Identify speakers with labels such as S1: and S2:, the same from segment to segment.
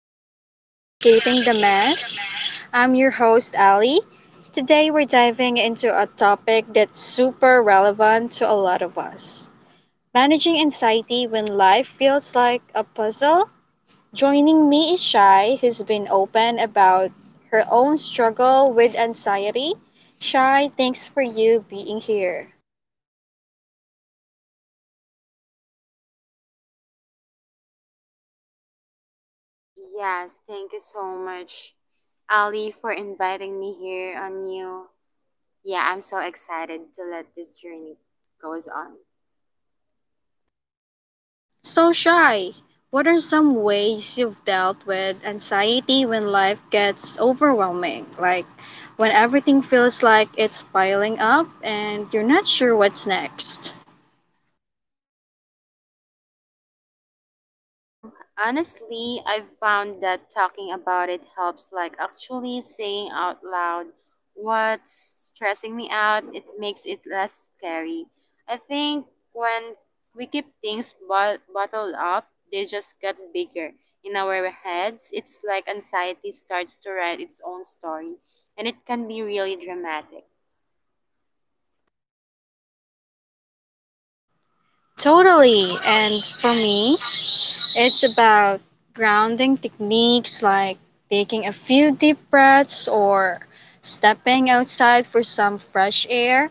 S1: welcome to Navigating the Mess. I'm your host, Ali. Today, we're diving into a topic that's super relevant to a lot of us managing anxiety when life feels like a puzzle. Joining me is Shai, who's been open about her own struggle with anxiety. Shai, thanks for you being here.
S2: Yes, thank you so much, Ali, for inviting me here on you. Yeah, I'm so excited to let this journey goes on.
S1: So, Shy, what are some ways you've dealt with anxiety when life gets overwhelming? Like when everything feels like it's piling up and you're not sure what's next?
S2: Um, Honestly, I've found that talking about it helps, like actually saying out loud what's stressing me out. It makes it less scary. I think when we keep things bottled up, they just get bigger in our heads. It's like anxiety starts to write its own story, and it can be really dramatic.
S1: Totally. And for me, it's about grounding techniques like taking a few deep breaths or stepping outside for some fresh air.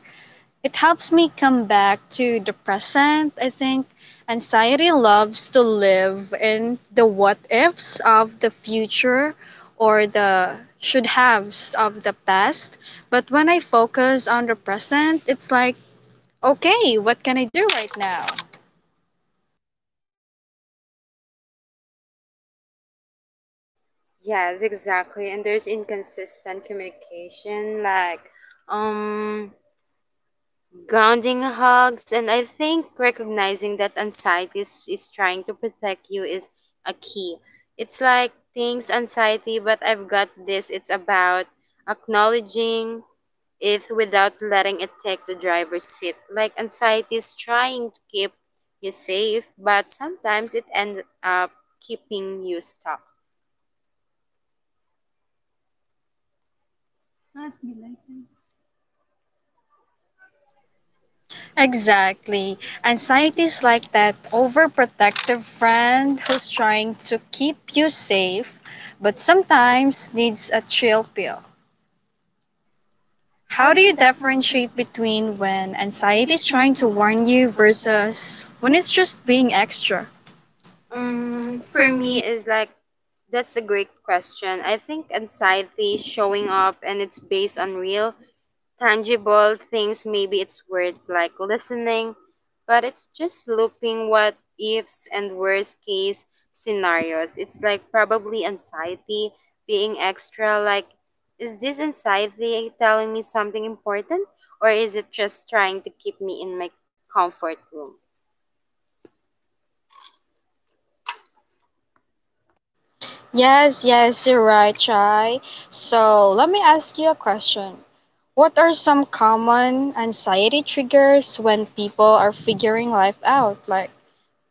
S1: It helps me come back to the present, I think. Anxiety loves to live in the what ifs of the future or the should haves of the past. But when I focus on the present, it's like, okay, what can I do right now?
S2: Yes, exactly. And there's inconsistent communication, like, um, grounding hugs. And I think recognizing that anxiety is trying to protect you is a key. It's like things anxiety but I've got this. It's about acknowledging it without letting it take the driver's seat. Like anxiety is trying to keep you safe, but sometimes it ends up keeping you stuck. Sad belated. Exactly.
S1: Exactly.
S2: Anxiety
S1: Anxiety
S2: is
S1: is
S2: like
S1: like
S2: that.
S1: that overprotective friend who's trying to keep you safe, but sometimes needs a chill pill.
S2: How
S1: How
S2: do
S1: do
S2: you
S1: you
S2: differentiate
S1: differentiate
S2: between
S1: between
S2: when
S1: when
S2: anxiety
S1: anxiety
S2: is
S1: is
S2: trying
S1: trying
S2: to
S1: to
S2: warn
S1: warn
S2: you
S1: you
S2: versus
S1: versus
S2: when
S1: when
S2: it's
S1: it's
S2: just
S1: just
S2: being
S1: being
S2: extra?
S1: extra?
S2: For me is like, that's a great question. I think anxiety is showing up and it's based on real tangible things. Maybe it's words like listening, but it's just looping what ifs and worst case scenarios. It's like probably anxiety being extra, like is this anxiety telling me something important or is it just trying to keep me in my comfort room?
S1: Yes, yes, you're right, Chai. So let me ask you a question. What are some common anxiety triggers when people are figuring life out, like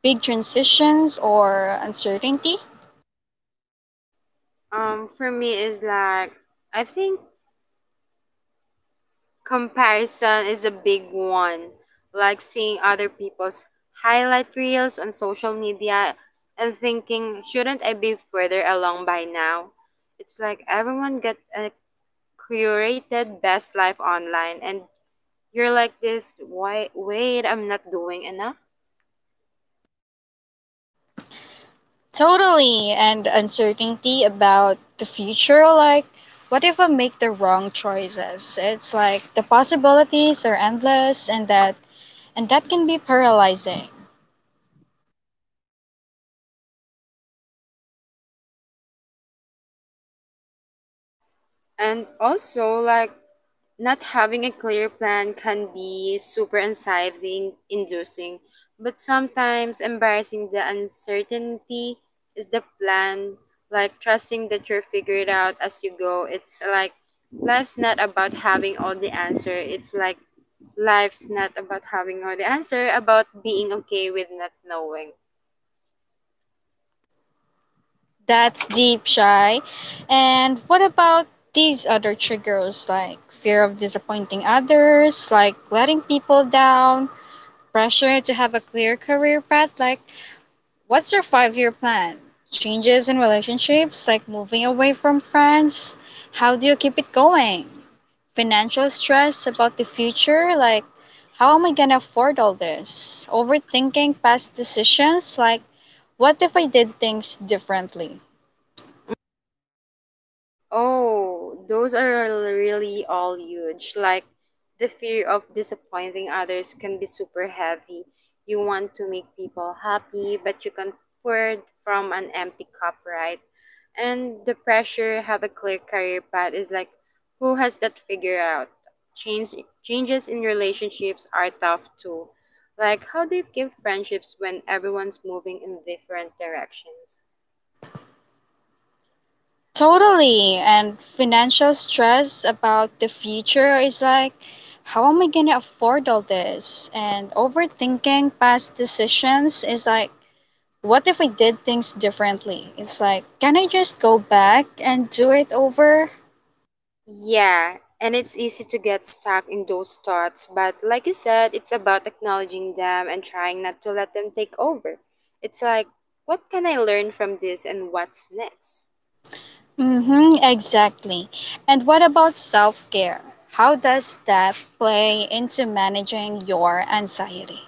S1: big transitions or uncertainty?
S2: Um, for me is like, I think comparison is a big one, like seeing other people's highlight reels on social media and thinking, shouldn't I be further along by now? It's like everyone got a curated best life online and you're like this, why wait, I'm not doing enough?
S1: Totally, and uncertainty about the future. Like, what if I make the wrong choices? It's like the possibilities are endless, and that can be paralyzing.
S2: And also, like, not having a clear plan can be super anxiety inducing, but sometimes embracing the uncertainty is the plan. Like, trusting that you'll figure it out as you go. It's like life's not about having all the answer. It's like life's not about having all the answer, about being okay with not knowing.
S1: That's deep, shy. And what about these other triggers, like fear of disappointing others, like letting people down, pressure to have a clear career path? Like, what's your 5-year plan? Changes in relationships, like moving away from friends? How do you keep it going? Financial stress about the future, like how am I gonna afford all this? Overthinking past decisions, like what if I did things differently?
S2: Oh, those are really all huge. Like the fear of disappointing others can be super heavy. You want to make people happy, but you can pour it from an empty cup, right? And the pressure have a clear career path is like, who has that figured out? Change Changes in relationships are tough too. Like how do you keep friendships when everyone's moving in different directions?
S1: Totally. And financial stress about the future is like, how am I gonna afford all this? And overthinking past decisions is like, what if we did things differently? It's like, can I just go back and do it over?
S2: Yeah, and it's easy to get stuck in those thoughts, but like you said, it's about acknowledging them and trying not to let them take over. It's like, what can I learn from this and what's next?
S1: Mm-hmm, exactly. And what about self care? How does that play into managing your anxiety?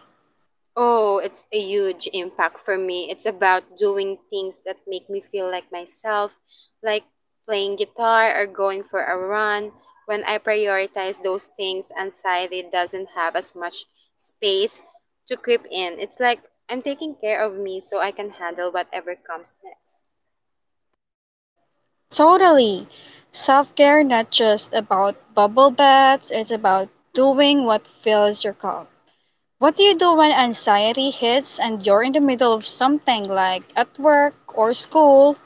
S2: Oh, it's a huge impact for me. It's about doing things that make me feel like myself, like playing guitar or going for a run. When I prioritize those things, anxiety doesn't have as much space to creep in. It's like I'm taking care of me so I can handle whatever comes next.
S1: Totally. Self care not just about bubble baths, it's about doing what fills your cup. What do you do when anxiety hits and you're in the middle of something like at work or school?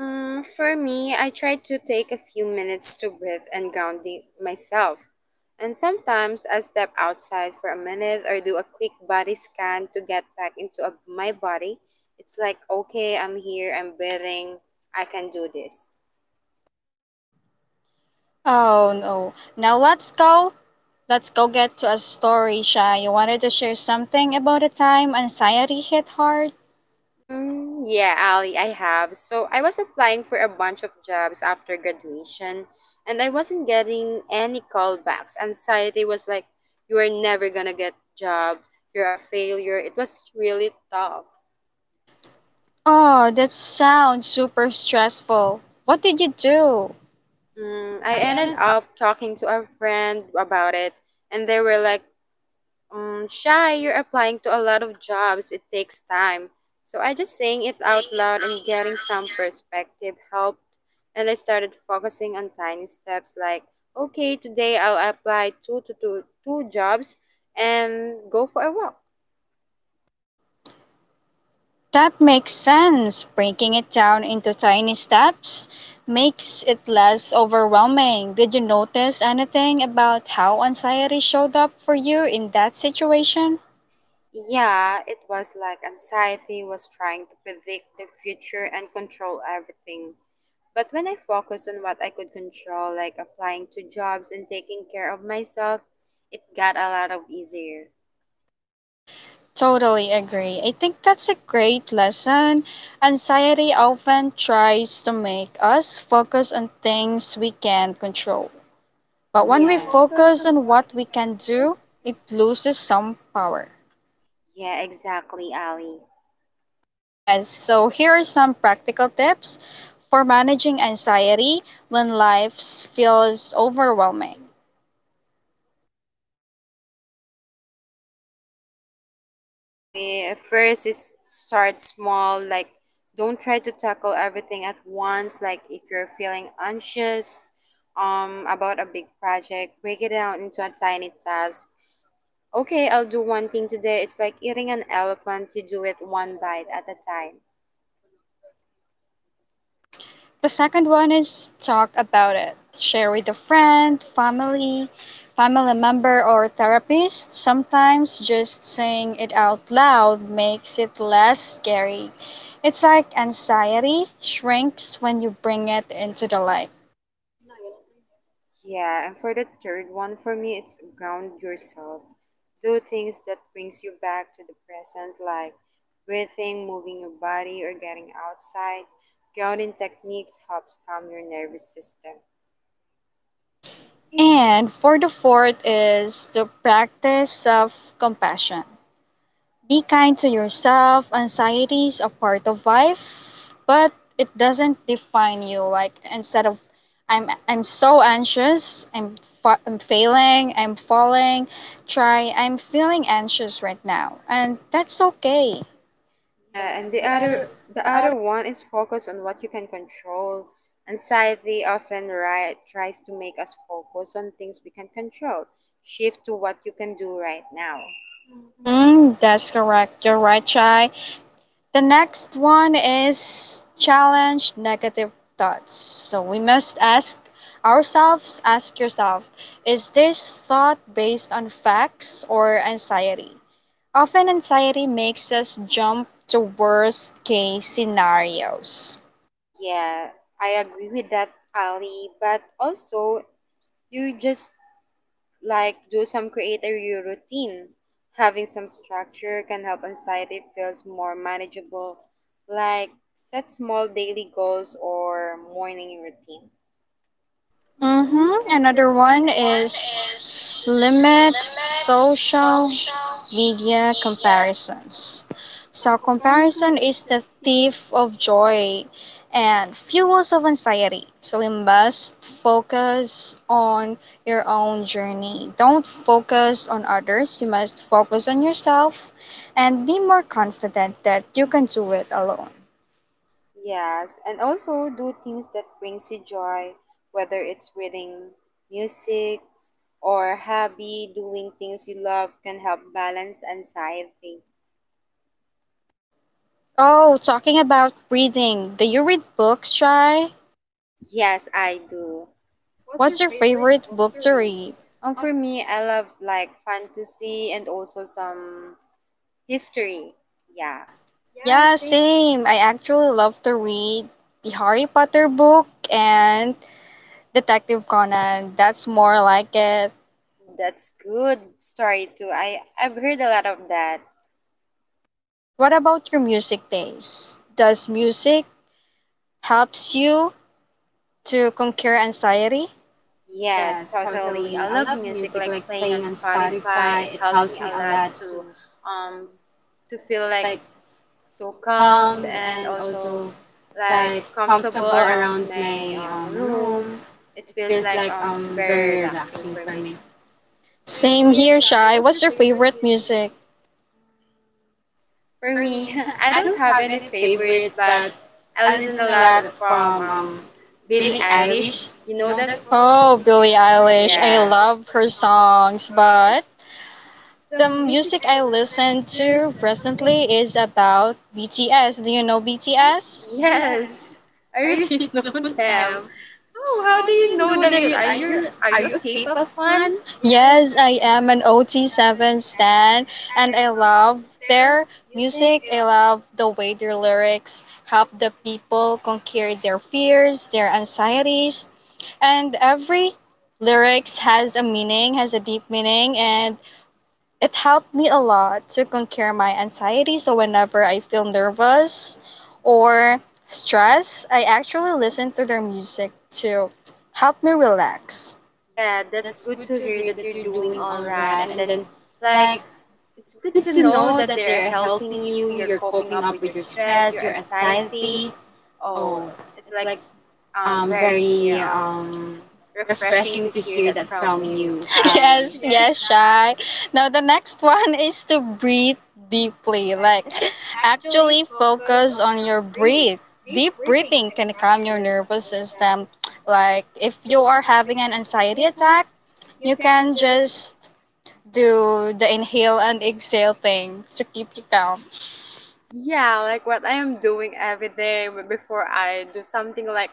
S2: Mm, for me, I try to take a few minutes to breathe and ground myself. And sometimes I step outside for a minute or do a quick body scan to get back into a, my body. It's like, okay, I'm here, I'm breathing, I can do this.
S1: Oh no. Now let's go. Let's go get to a story, Shy. You wanted to share something about a time anxiety hit hard?
S2: Mm, yeah, Ali, I have. So I was applying for a bunch of jobs after graduation and I wasn't getting any callbacks. Anxiety was like, you are never gonna get job. You're a failure. It was really tough.
S1: Oh, that sounds super stressful. What did you do?
S2: Mm, I
S1: I
S2: ended
S1: ended up.
S2: up talking to a friend about it and they were like, shy, you're applying to a lot of jobs. It takes time. So I just saying it out loud and getting some perspective helped. And I started focusing on tiny steps like, okay, today I'll apply two jobs and go for a walk.
S1: That makes sense. Breaking it down into tiny steps makes it less overwhelming. Did you notice anything about how anxiety showed up for you in that situation?
S2: Yeah, it was like anxiety was trying to predict the future and control everything. But when I focused on what I could control, like applying to jobs and taking care of myself, it got a lot of easier.
S1: Totally agree. I think that's a great lesson. Anxiety often tries to make us focus on things we can control. But
S2: We,
S1: when we, yeah,
S2: yeah, focus
S1: focus
S2: on
S1: on
S2: what
S1: what
S2: we
S1: we
S2: can
S1: can
S2: do,
S1: do,
S2: it
S1: it
S2: looks
S1: loses some power.
S2: yeah, exactly, Ali.
S1: Yes, so here are some practical tips for managing anxiety when life feels overwhelming.
S2: Me, first is start small. Like, don't try to tackle everything at once. Like, if you're feeling anxious about a big project, break it down into a tiny task. Okay, I'll do one thing today. It's like eating an elephant, you do it one bite at a time.
S1: The second one is talk about it. Share with a friend, family, family member, or therapist. Sometimes just saying it out loud makes it less scary. It's like anxiety shrinks when you bring it into the light.
S2: Yeah, and for the third one, for me, it's ground yourself. Do things that brings you back to the present, like breathing, moving your body, or getting outside. Grounding techniques helps calm your nervous system.
S1: And for the fourth is the practice of compassion. Be kind to yourself. Anxiety is a part of life, but it doesn't define you. Like instead of I'm so anxious. I'm failing. I'm falling. Try. I'm feeling anxious right now, and that's okay. Yeah,
S2: Yeah, and
S1: and the other,
S2: the
S1: the other
S2: other one is focus on what you can control. Anxiety often right, tries to make us focus on things we can control. Shift to what you can do right now.
S1: Mm-hmm. That's correct. You're right, Chai. The next one is challenge negative thoughts. So we must ask ourselves, ask yourself, is this thought based on facts or anxiety? Often anxiety makes us jump to worst case scenarios.
S2: Yeah, I agree with that, Ali. But also, you just like do some creator your routine. Having some structure can help anxiety feels more manageable. Like set small daily goals or morning routine. Hmm,
S1: Mm-hmm.
S2: another
S1: Another
S2: one
S1: one
S2: is
S1: is limit social media comparisons.
S2: so
S1: So,
S2: comparison
S1: comparison
S2: is
S1: is
S2: the
S1: the
S2: thief
S1: thief
S2: of
S1: of
S2: joy.
S1: joy and fuels of anxiety. So, we must focus on your own journey. Don't focus on others. You must focus on yourself and be more confident that you can do it alone.
S2: Yes, and also do things that brings you joy, whether it's reading music or hobby, doing things you love can help balance anxiety.
S1: Oh, talking about reading, do you read books, Shy?
S2: Yes, I do. What's your
S1: What's your
S2: favorite
S1: favorite
S2: book to
S1: book to
S2: read?
S1: read?
S2: For me, I love like fantasy and also some history. Yeah. Yeah,
S1: Yeah,
S2: same.
S1: same. I actually love to read the Harry Potter book and Detective Conan. That's more like it.
S2: Oh, that's good story too. I've heard a lot of that.
S1: What about your music taste? Does music helps you to conquer anxiety?
S2: Yes, totally. I love music like playing on Spotify. It helps me a lot to um f- to feel like so calm and also like comfortable around my room. It feels like very relaxing for me. Same
S1: Same
S2: here,
S1: here,
S2: Shai.
S1: Shai.
S2: What's your
S1: What's your
S2: favorite
S1: favorite
S2: music?
S1: music?
S2: For me, I don't have any favorite, but I listen a lot from Billie Eilish. You know that? Oh,
S1: Oh,
S2: Billie
S1: Billie
S2: Eilish. I
S1: Eilish. I
S2: yeah. I love
S1: love
S2: her
S1: her
S2: songs,
S1: songs,
S2: but
S1: but
S2: the
S1: the
S2: music
S1: music
S2: I
S1: I
S2: listen
S1: listen
S2: to
S1: to
S2: recently
S1: recently is about BTS. Do you know
S2: yes,
S1: BTS?
S2: yes, I really know them. Oh, how do you know them? You are you are you a K-pop fan? Yes,
S1: Yes,
S2: I
S1: I
S2: am
S1: am
S2: an
S1: an
S2: OT7
S1: OT7
S2: stan
S1: stan
S2: and
S1: and
S2: I
S1: I
S2: love
S1: love
S2: their
S1: their
S2: music.
S1: music.
S2: I
S1: I love the way their lyrics help the people conquer their fears, their anxieties, and every lyrics has a meaning, has a deep meaning and it helped me a lot to conquer my anxiety. So whenever I feel nervous or stressed, I actually listen to their music to help me relax.
S2: Yeah, that's good to hear that you're doing all right. And then, like, it's good to know that they're helping you, you're coping up with your stress, your anxiety. Oh, it's like very refreshing to hear that from you, Ali. Yes,
S1: Yes,
S2: yes,
S1: yes,
S2: Shai.
S1: shy. Now the next one is to breathe deeply.
S2: Like,
S1: Like
S2: actually
S1: actually
S2: focus
S1: focus
S2: on
S1: on
S2: your
S1: your
S2: breathe.
S1: breathe.
S2: Deep
S1: Deep
S2: breathing
S1: breathing
S2: can
S1: can
S2: calm
S1: calm
S2: your
S1: your
S2: nervous
S1: nervous
S2: system.
S1: system.
S2: Like,
S1: Like
S2: if
S1: if
S2: you
S1: you
S2: are
S1: are
S2: having
S1: having
S2: an
S1: an
S2: anxiety
S1: anxiety
S2: attack,
S1: attack,
S2: you
S1: you
S2: can
S1: can
S2: just
S1: just do the inhale and exhale thing to keep you calm.
S2: yeah like what I am doing every day before I do something like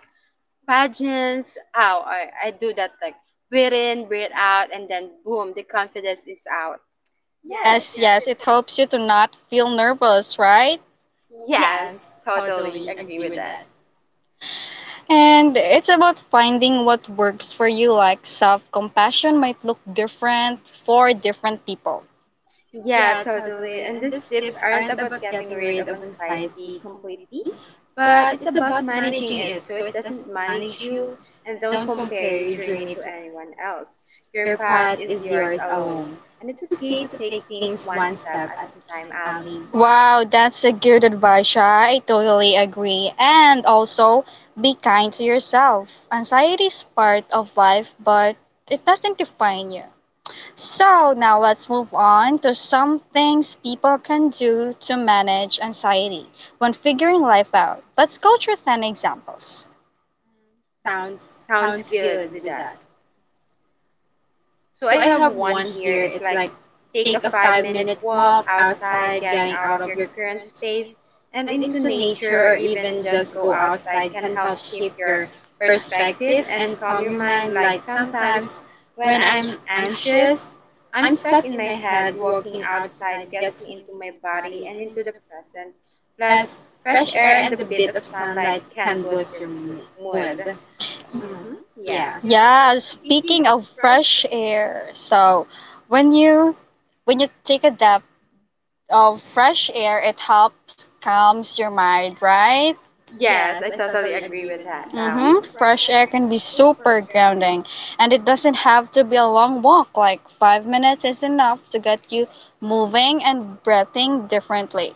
S2: pageants. How I do that like breathe in breathe out and then boom, the confidence is out. Yes,
S1: Yes,
S2: yes, yes,
S1: yes,
S2: it
S1: it helps you to not feel nervous, right?
S2: helps. Yes, totally agree with that.
S1: And it's about finding what works for you, like self compassion might look different for different people.
S2: Yeah, totally. And these tips aren't about getting rid of anxiety completely, but it's about managing it so it doesn't manage you and don't compare your journey to anyone else. Your path is yours alone. And it's okay to take things one step at a time, Ali. Wow.
S1: Wow, that's a good advice, Sha. I totally agree. And also, be kind to yourself. Anxiety is part of life, but it doesn't define you. So now let's move on to some things people can do to manage anxiety when figuring life out. Let's go through 10 examples.
S2: Sounds Sounds good with that. So I have one here. It's like take a 5 minute walk outside, getting out of your current space and into nature, or even just go outside can help shift your perspective and calm your mind. Like sometimes when I'm anxious, I'm stuck in my head. Walking outside gets me into my body and into the present. Plus, fresh air and the bit of sunlight can boost your mood. Mm-hmm. Yeah. Yeah,
S1: Yeah,
S2: speaking
S1: speaking
S2: of
S1: of
S2: fresh
S1: fresh
S2: air.
S1: air, so when you when you take a dip of fresh air, it helps calms your mind, right?
S2: Yes, I totally agree with that.
S1: Mm-hmm.
S2: Fresh
S1: Fresh
S2: air
S1: air
S2: can
S1: can
S2: be
S1: be
S2: super
S1: super
S2: grounding.
S1: grounding, and it doesn't have to be a long walk. Like 5 minutes is enough to get you moving and breathing differently.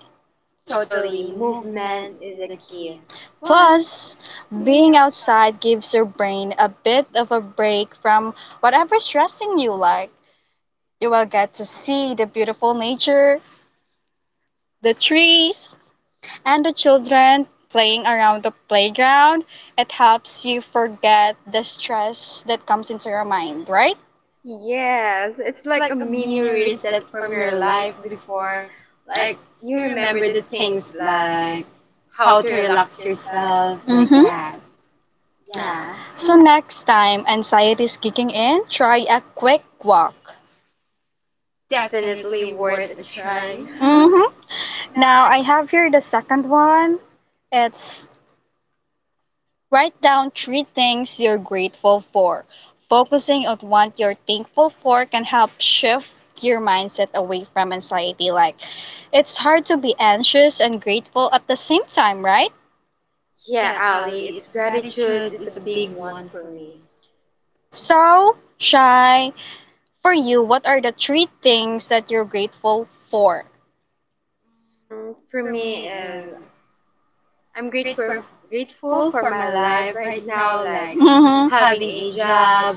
S2: Totally, movement is a key. Plus,
S1: Plus,
S2: being
S1: being
S2: outside
S1: outside gives your brain a bit of a break from whatever's stressing you. Like, you will get to see the beautiful nature, the trees, and the children playing around the playground. It helps you forget the stress that comes into your mind, right?
S2: yes, it's like a mini reset from your life before. Like, you remember the things like how to relax yourself,
S1: Like,
S2: like hmm
S1: mhm.
S2: that. Yeah, so
S1: So
S2: now,
S1: next time anxiety is kicking in, try a quick walk.
S2: definitely worth a try. hmm
S1: Hmm.
S2: now I
S1: Now I have here the second one. It's write down three things you're grateful for. Focusing on what you're thankful for can help shift your mindset away from anxiety. Like, it's hard to be anxious and grateful at the same time, right?
S2: yeah, Ali, it's gratitude is a big one for me.
S1: So, Shy, for you, what are the three things that you're grateful for?
S2: For me is I'm grateful for my life right now, like mhm,
S1: Mm-hmm.
S2: having a job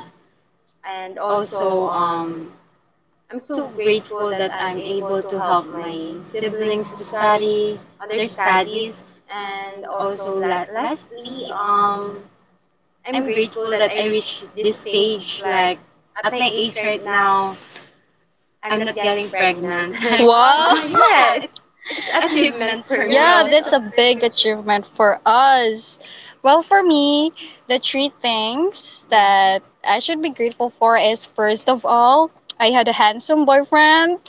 S2: and also I'm so grateful that I'm able to help my siblings to study other studies. And also lastly I'm grateful that I reached this stage like at my age right now I'm not getting pregnant. Like wow.
S1: Wow. So
S2: It's achievement for me yeah, also
S1: yeah,
S2: that's
S1: that's
S2: also a
S1: also a
S2: big
S1: big
S2: achievement.
S1: achievement for us. Well, for me, the three things that I should be grateful for is first of all, I had a handsome boyfriend,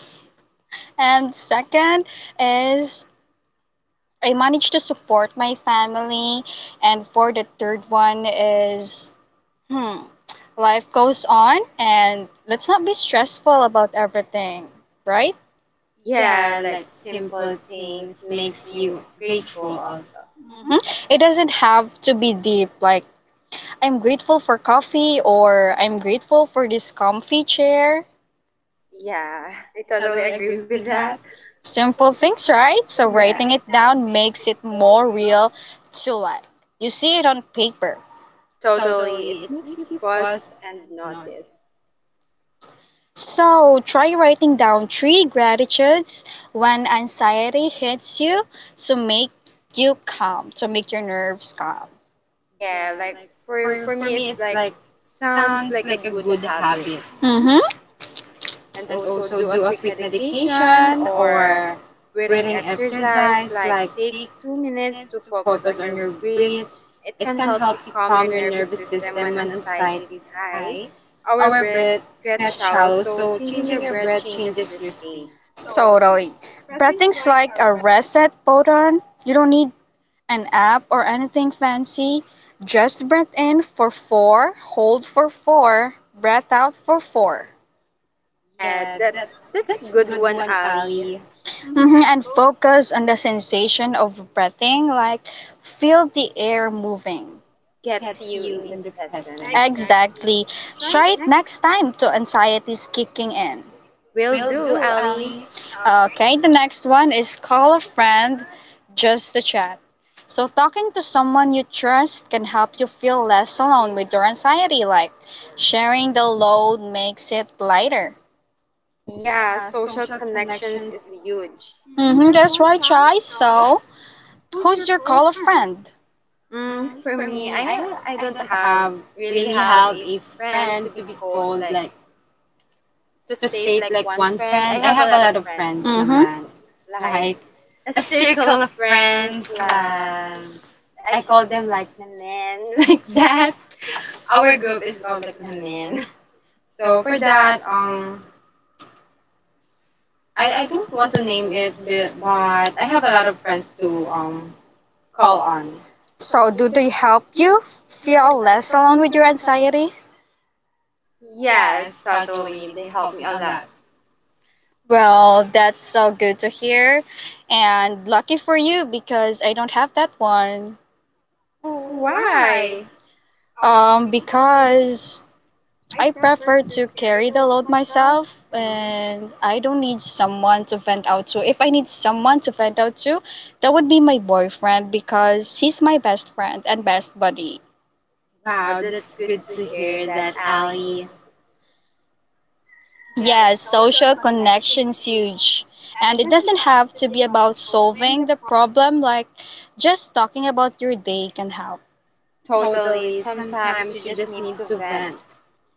S1: and second is I managed to support my family, and for the third one is hmm, life goes on, and let's not be stressful about everything, right?
S2: Yeah, like simple things makes you grateful also. Mm-hmm.
S1: Hmm. It doesn't have to be deep, like I'm grateful for coffee or I'm grateful for this comfy chair.
S2: Yeah, I totally agree with that. Simple
S1: Simple
S2: things,
S1: things,
S2: right? So
S1: right? So
S2: yeah, writing it
S1: writing it
S2: down
S1: down
S2: makes it
S1: makes it
S2: more
S1: more
S2: real.
S1: real to life. You see it on paper.
S2: Totally. It makes you pause and notice.
S1: So try writing down three gratitudes when anxiety hits you to make you calm, to make your nerves calm.
S2: Yeah, like for me it's like sounds like a good habit.
S1: Mm-hmm.
S2: And also do a quick medication or breathing exercise like take 2 minutes to focus on your breath. It can help you calm your nervous system when anxiety is high. Our breath gets shallow, so changing your breath changes your state. Totally.
S1: Totally.
S2: Breathing's
S1: Breathing's
S2: like a
S1: like a
S2: rest,
S1: reset button. You don't need an app or anything fancy. Just breath in for 4, hold for 4, breath out for 4.
S2: yeah, that's a good one, Ali.
S1: Mhm,
S2: And
S1: and
S2: focus.
S1: focus on the sensation of breathing, like feel the air moving.
S2: Gets you in the present. Exactly.
S1: Exactly.
S2: Try it
S1: Try it
S2: next.
S1: next time to anxiety is kicking in.
S2: Will do, Ali. Okay.
S1: Okay, the next one is call a friend just to chat. So, talking to someone you trust can help you feel less alone with your anxiety. Like sharing the load makes it lighter.
S2: Yeah, social connections is huge.
S1: Mm-hmm,
S2: There's
S1: that's
S2: one
S1: right,
S2: choice.
S1: Chai.
S2: So,
S1: So,
S2: who's
S1: who's
S2: your
S1: your
S2: color
S1: call a
S2: friend?
S1: friend?
S2: For me, I don't have really have a friend to be called, like to state like one friend. I have a lot of friends. Mm-hmm. Naman.
S1: Mm-hmm.
S2: Like a circle of friends, like I call them like the men like that. Our group is called like the men. So for that, I don't want to name it, but, I have a lot of friends to call on. So,
S1: So,
S2: do
S1: do they
S2: they help
S1: help
S2: you
S1: you
S2: feel
S1: feel
S2: less
S1: less
S2: alone
S1: alone
S2: with
S1: with
S2: your
S1: your
S2: anxiety?
S1: anxiety?
S2: Yes, totally. They help me a lot.
S1: Well, that's so good to hear. And lucky for you because I don't have that one.
S2: Why? Because
S1: Because
S2: I
S1: I
S2: prefer
S1: prefer
S2: to
S1: to
S2: carry
S1: carry
S2: the
S1: the
S2: load
S1: load
S2: myself.
S1: myself
S2: And
S1: and I don't need someone to vent out to. If I need someone to vent out to, that would be my boyfriend because he's my best friend and best buddy.
S2: wow, that's good to hear that, Ali. Yes,
S1: Yes,
S2: social
S1: social
S2: connection's
S1: connection's
S2: huge.
S1: huge.
S2: And it
S1: And it
S2: doesn't
S1: doesn't
S2: have
S1: have
S2: to
S1: to
S2: be
S1: be
S2: about
S1: about
S2: solving the
S1: solving the problem, like just talking about your day can help.
S2: totally. Sometimes you just need to vent.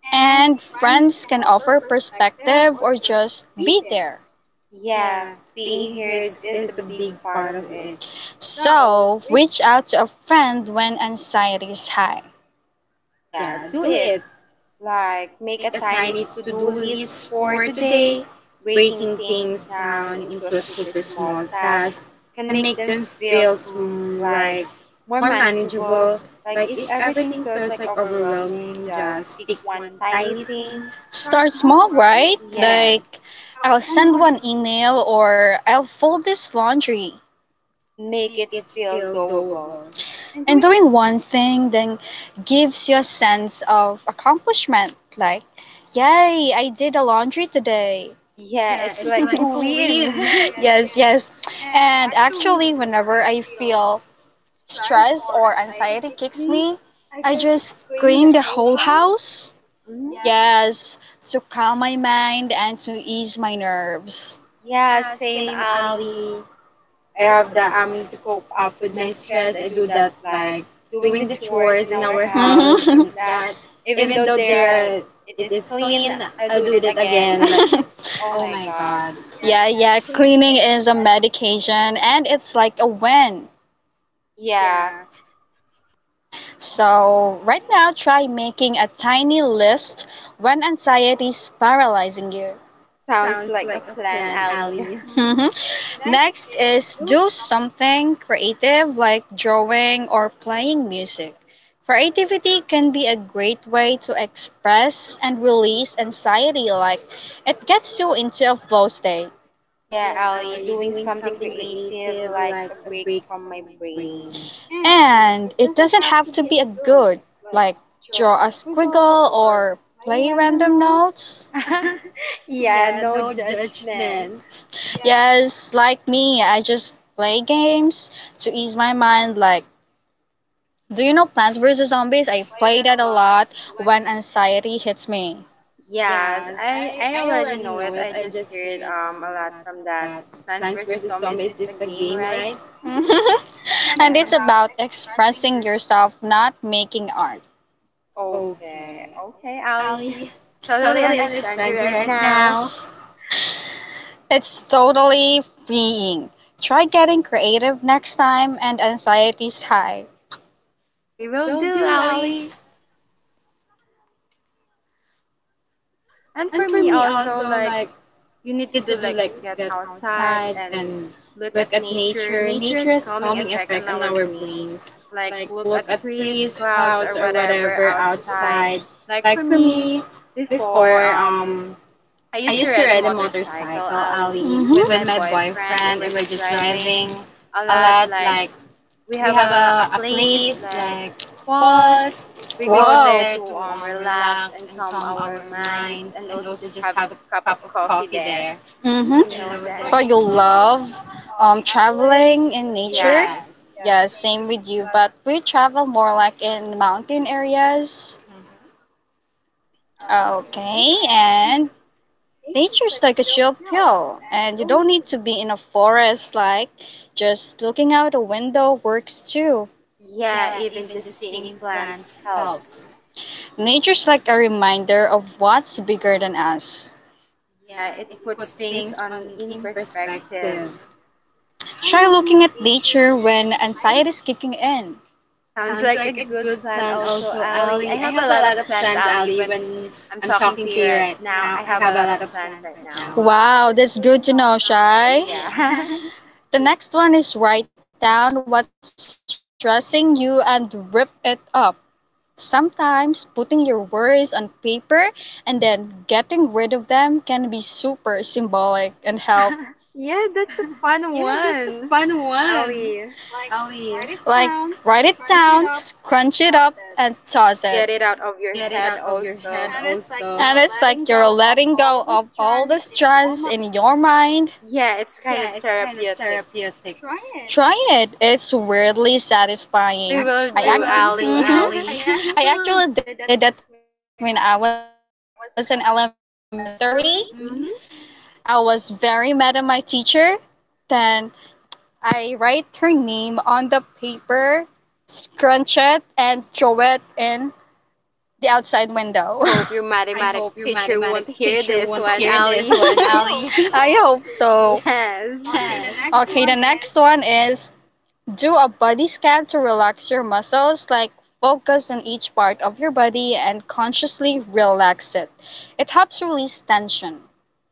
S2: And
S1: And
S2: friends
S1: friends
S2: can
S1: can
S2: offer
S1: offer
S2: perspective
S1: perspective
S2: or
S1: or
S2: just
S1: just
S2: be
S1: be
S2: there.
S1: there.
S2: Yeah, being here is a big part of it. So,
S1: So,
S2: we
S1: reach out to a friend when anxiety is high.
S2: yeah, do it. Like make a tiny to-do list for today. Breaking things down into a super small task can make them feel like more manageable. Like if everything feels like overwhelming, just pick one tiny thing. Start
S1: Start
S2: small,
S1: small,
S2: right?
S1: right?
S2: Like, yes,
S1: Like, yes.
S2: I'll
S1: I'll
S2: send
S1: send
S2: one
S1: one
S2: email.
S1: email or I'll fold this laundry.
S2: Make it feel doable. And
S1: And
S2: do.
S1: doing one thing then gives you a sense of accomplishment. Like, yay, I did the laundry today.
S2: Yeah, it's like a win. Yes,
S1: Yes,
S2: yes.
S1: yes.
S2: And
S1: And
S2: actually,
S1: actually,
S2: whenever
S1: whenever
S2: I
S1: I
S2: feel
S1: feel
S2: stress
S1: stress
S2: or
S1: or
S2: anxiety
S1: anxiety
S2: kicks
S1: kicks
S2: me,
S1: me,
S2: I
S1: I
S2: just
S1: just
S2: clean the
S1: clean the
S2: whole
S1: whole
S2: house.
S1: house.
S2: Yeah.
S1: Yes, to calm my mind and to ease my nerves.
S2: Yeah, same, Ali. I have that to cope up with my stress. I do that like doing the chores in our house like
S1: Hmm.
S2: that. Even though there are, it is clean, I'll do it again. Like, oh my god. Yeah,
S1: Yeah,
S2: yeah.
S1: yeah,
S2: Cleaning
S1: cleaning
S2: is a
S1: is a
S2: mess.
S1: medication and it's like a win.
S2: Yeah,
S1: So, right now, try making a tiny list when anxiety is paralyzing you.
S2: sounds like a plan, Ali. Next
S1: Next
S2: is
S1: is
S2: do
S1: do
S2: something.
S1: something creative like drawing or playing music. Creativity can be a great way to express and release anxiety, like it gets you into a flow state.
S2: Yeah, Ali, doing something creative likes a break from my brain. And
S1: And
S2: it
S1: it
S2: doesn't
S1: doesn't
S2: have
S1: have
S2: to
S1: to
S2: be
S1: be a
S2: a good,
S1: good,
S2: like
S1: like
S2: draw a
S1: draw a
S2: squiggle
S1: squiggle
S2: or
S1: or
S2: play
S1: play
S2: random
S1: random
S2: notes.
S1: notes.
S2: Yeah, no judgment. Yeah,
S1: Yes, like me, I just play games to ease my mind, like do you know Plants vs.
S2: I
S1: Zombies? I
S2: play
S1: play
S2: that a
S1: that a
S2: lot
S1: lot
S2: when
S1: when anxiety hits me.
S2: yes, I already know it. I just hear it a lot from that Plants vs Zombies. Is this a game, right? And yeah,
S1: And
S2: it's yeah,
S1: it's
S2: about
S1: about
S2: expressing
S1: expressing
S2: yourself.
S1: yourself, not making art.
S2: Okay, okay, Ali. Totally understand you right now.
S1: It's totally freeing. Try getting creative next time and anxiety's high.
S2: We will do, Ali. And for me also, like you need to do like get outside and look at nature. Nature has calming effect on our brains. Like look at trees, clouds, or whatever outside. Like for me, before I used to ride a motorcycle, Ali, with my
S1: Hmm.
S2: boyfriend, and we're just riding a lot. Like we have a place like falls. We go there
S1: Wow.
S2: to relax and calm our minds, and also just have a cup of coffee there.
S1: hmm
S2: You know
S1: you
S2: that? So that.
S1: So
S2: You
S1: you
S2: love,
S1: love
S2: traveling
S1: traveling
S2: in
S1: in
S2: nature?
S1: nature?
S2: Yes. Yeah,
S1: Yes,
S2: same
S1: same
S2: with
S1: with
S2: you,
S1: you,
S2: but
S1: but we travel more like in mountain areas.
S2: uh, okay,
S1: Okay,
S2: and
S1: and
S2: nature's
S1: nature's
S2: like a
S1: like a
S2: chill
S1: chill
S2: pill,
S1: pill,
S2: and you
S1: and you
S2: don't
S1: don't
S2: need to
S1: need to be in a forest, like just looking out a window works too.
S2: yeah, even just seeing plants helps.
S1: Nature's like a reminder of what's bigger than us.
S2: Yeah, it puts things on in perspective. Try
S1: Try
S2: looking at
S1: looking at
S2: nature
S1: nature
S2: when
S1: when
S2: anxiety.
S1: anxiety is kicking in.
S2: Sounds like a good plan also, Ali. I have a lot of plans, Ali, when I'm talking to you right now. I have a lot of plans right now. Wow,
S1: Wow,
S2: that's
S1: that's
S2: good
S1: good
S2: to
S1: to
S2: know,
S1: know,
S2: Shai.
S1: Shai.
S2: Yeah.
S1: The next one is write down what's stressing you and rip it up. Sometimes putting your worries on paper and then getting rid of them can be super symbolic and help.
S2: Yeah, that's a fun one, Ali. Like, write it
S1: Like,
S2: down,
S1: write it
S2: scrunch it
S1: down,
S2: up, and
S1: scrunch it
S2: toss
S1: up,
S2: it.
S1: and toss it.
S2: Get it out of your head also. And it's like
S1: And
S2: you're
S1: it's
S2: letting
S1: like you're
S2: go of
S1: letting go
S2: all the
S1: of all the
S2: strands in your
S1: stress
S2: mind.
S1: in your mind.
S2: Yeah, it's kind of therapeutic. Try it.
S1: Try it. It's weirdly satisfying.
S2: We
S1: I
S2: will do,
S1: ac-
S2: Ali. I
S1: Mhm. I
S2: actually
S1: actually
S2: did that
S1: did
S2: when
S1: that when
S2: I
S1: I
S2: was in
S1: was in
S2: elementary.
S1: elementary.
S2: Mm-hmm.
S1: I was very mad at my teacher. Then I write her name on the paper, scrunch it, and throw it in the outside window.
S2: I hope your mathematic teacher won't hear this one,
S1: I
S2: Ali.
S1: hope
S2: I
S1: so.
S2: hope so.
S1: Okay, the
S2: Yes.
S1: next
S2: Okay,
S1: one
S2: the next
S1: is
S2: one is
S1: do a body scan to relax your muscles, like focus on each part of your body and consciously relax it. It helps release tension.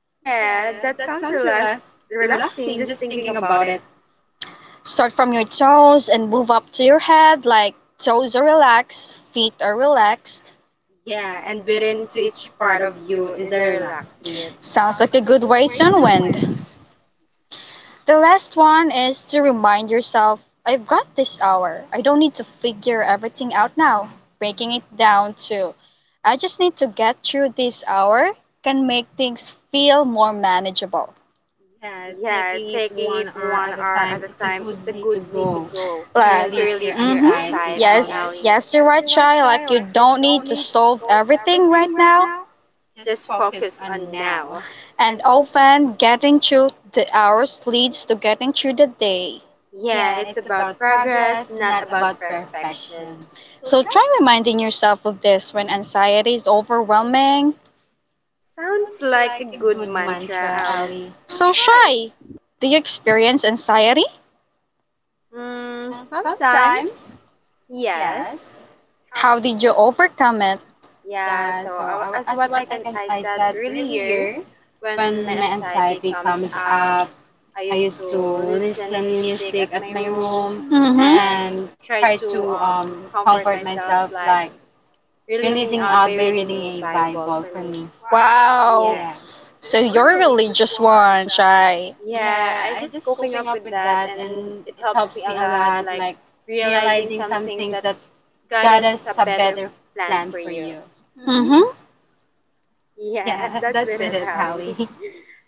S2: yeah, that sounds relaxing just thinking about it.
S1: Start from your toes and move up to your head, like toes are relaxed, feet are relaxed.
S2: Yeah, and built into each part of you is a relaxed it.
S1: Sounds like a
S2: Sounds
S1: good
S2: like a
S1: way
S2: good
S1: to
S2: way,
S1: unwind.
S2: Junwen.
S1: The last one is to remind yourself I've got this hour. I don't need to figure everything out now. Breaking it down to I just need to get through this hour can make things feel more manageable.
S2: Yeah, taking it 1 hour at a time, it's a good way to go to right,
S1: Like,
S2: release your mm-hmm
S1: mhm,
S2: anxiety, Ali.
S1: yes,
S2: Yes,
S1: Ali,
S2: yes,
S1: yes, you're
S2: you're
S1: right,
S2: right,
S1: Chai.
S2: Shy. Like,
S1: Like,
S2: you
S1: you
S2: don't
S1: don't
S2: need
S1: need
S2: to
S1: to
S2: solve
S1: solve
S2: everything
S1: everything
S2: right
S1: right
S2: now.
S1: now.
S2: Just focus on now. And
S1: And
S2: often
S1: often, getting through the hours leads to getting through the day.
S2: yeah, it's about progress, not about perfections. So
S1: So,
S2: try.
S1: try reminding yourself of this when anxiety is overwhelming.
S2: Sounds like a good mantra, Ali. So
S1: So,
S2: shy.
S1: Chai, do you experience anxiety?
S2: Mm, sometimes, yes. How
S1: How
S2: did
S1: did you overcome it?
S2: yeah, so I as what I can I said earlier, when my anxiety comes up, I used to listen music at my room. Mhm. And
S1: Mm-hmm.
S2: try to, comfort myself like releasing out by reading a Bible for me. Wow.
S1: Wow.
S2: Yes. So
S1: So
S2: you're
S1: you're
S2: a
S1: a
S2: religious
S1: religious
S2: one,
S1: one,
S2: Shai.
S1: right?
S2: Yeah, I just coping up with that and it helps me a lot like realizing some things that God has a better plan for you.
S1: Mm-hmm.
S2: Yeah, that's with it, Ali.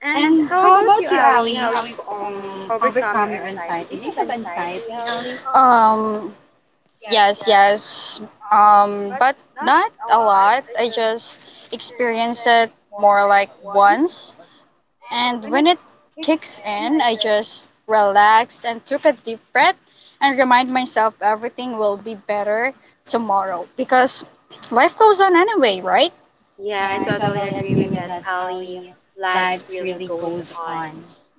S2: And how about you, Ali? How you overcome your anxiety? Do you have anxiety, Ali?
S1: Um,
S2: Yes,
S1: yes,
S2: yes.
S1: yes.
S2: Um, but
S1: But
S2: not
S1: not
S2: a
S1: a
S2: lot.
S1: lot.
S2: I
S1: I
S2: just
S1: just
S2: experience
S1: experience
S2: it
S1: it
S2: more
S1: more
S2: like
S1: like
S2: once.
S1: once.
S2: And
S1: And
S2: when
S1: when
S2: it
S1: it
S2: kicks
S1: kicks
S2: in,
S1: in,
S2: I
S1: I
S2: just
S1: just relax and took a deep breath and remind myself everything will be better tomorrow because life goes on anyway, right?
S2: yeah, I totally agree with that, Ali. Lives really goes on.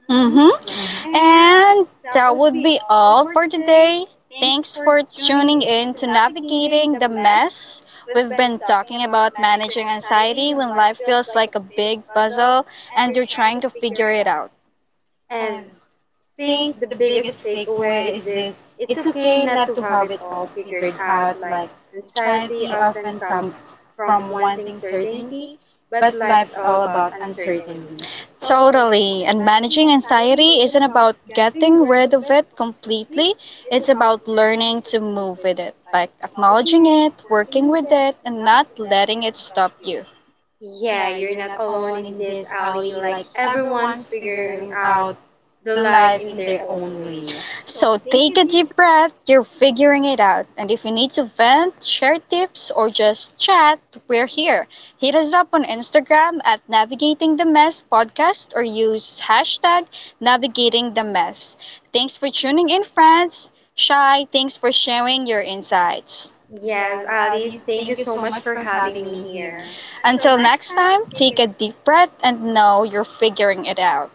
S2: Mm-hmm.
S1: Mm-hmm.
S2: And
S1: And
S2: that
S1: that
S2: would
S1: would
S2: be
S1: be
S2: all
S1: all
S2: for
S1: for
S2: today.
S1: today.
S2: Thanks
S1: Thanks
S2: for
S1: for
S2: tuning
S1: tuning
S2: in
S1: in
S2: to
S1: to
S2: Navigating
S1: Navigating
S2: the
S1: the
S2: Mess.
S1: Mess.
S2: We've
S1: We've
S2: been
S1: been
S2: talking
S1: talking
S2: about
S1: about
S2: managing
S1: managing
S2: anxiety
S1: anxiety
S2: when
S1: when
S2: life
S1: life
S2: feels
S1: feels
S2: like
S1: like
S2: a
S1: a
S2: big
S1: big
S2: puzzle
S1: puzzle
S2: and
S1: and
S2: you're
S1: you're
S2: trying
S1: trying
S2: to
S1: to
S2: figure
S1: figure
S2: it
S1: it
S2: out.
S1: out.
S2: And think the biggest takeaway is this, it's okay not to have it all figured out, like anxiety often comes from one thing, certainty, but life's all about uncertainty. Totally.
S1: Totally.
S2: And
S1: And
S2: managing
S1: managing
S2: anxiety
S1: anxiety
S2: isn't
S1: isn't
S2: about
S1: about
S2: getting
S1: getting
S2: rid
S1: rid
S2: of
S1: of
S2: it
S1: it
S2: completely,
S1: completely,
S2: it's
S1: it's
S2: about
S1: about
S2: learning
S1: learning
S2: to
S1: to
S2: move
S1: move
S2: with
S1: with
S2: it,
S1: it,
S2: like
S1: like
S2: acknowledging
S1: acknowledging
S2: it,
S1: it, working
S2: working with
S1: with
S2: it,
S1: it,
S2: and
S1: and
S2: not
S1: not
S2: letting
S1: letting
S2: it
S1: it
S2: stop
S1: stop
S2: you.
S1: you.
S2: Yeah, you're not alone in this, Ali. Like, everyone's figuring out the life in their own way. So
S1: So
S2: take
S1: take
S2: a
S1: a
S2: deep
S1: deep breath, you're figuring it out. And if you need to vent, share tips, or just chat, we're here. Hit us up on Instagram at Navigating the Mess Podcast or use hashtag Navigating the Mess. Thanks for tuning in, friends. Shai, thanks for sharing your insights.
S2: breath. Yes, Alice, thank you so much for having me here. Until
S1: Until
S2: next
S1: next
S2: time,
S1: time,
S2: take
S1: take a
S2: a
S1: deep breath and know you're figuring it out.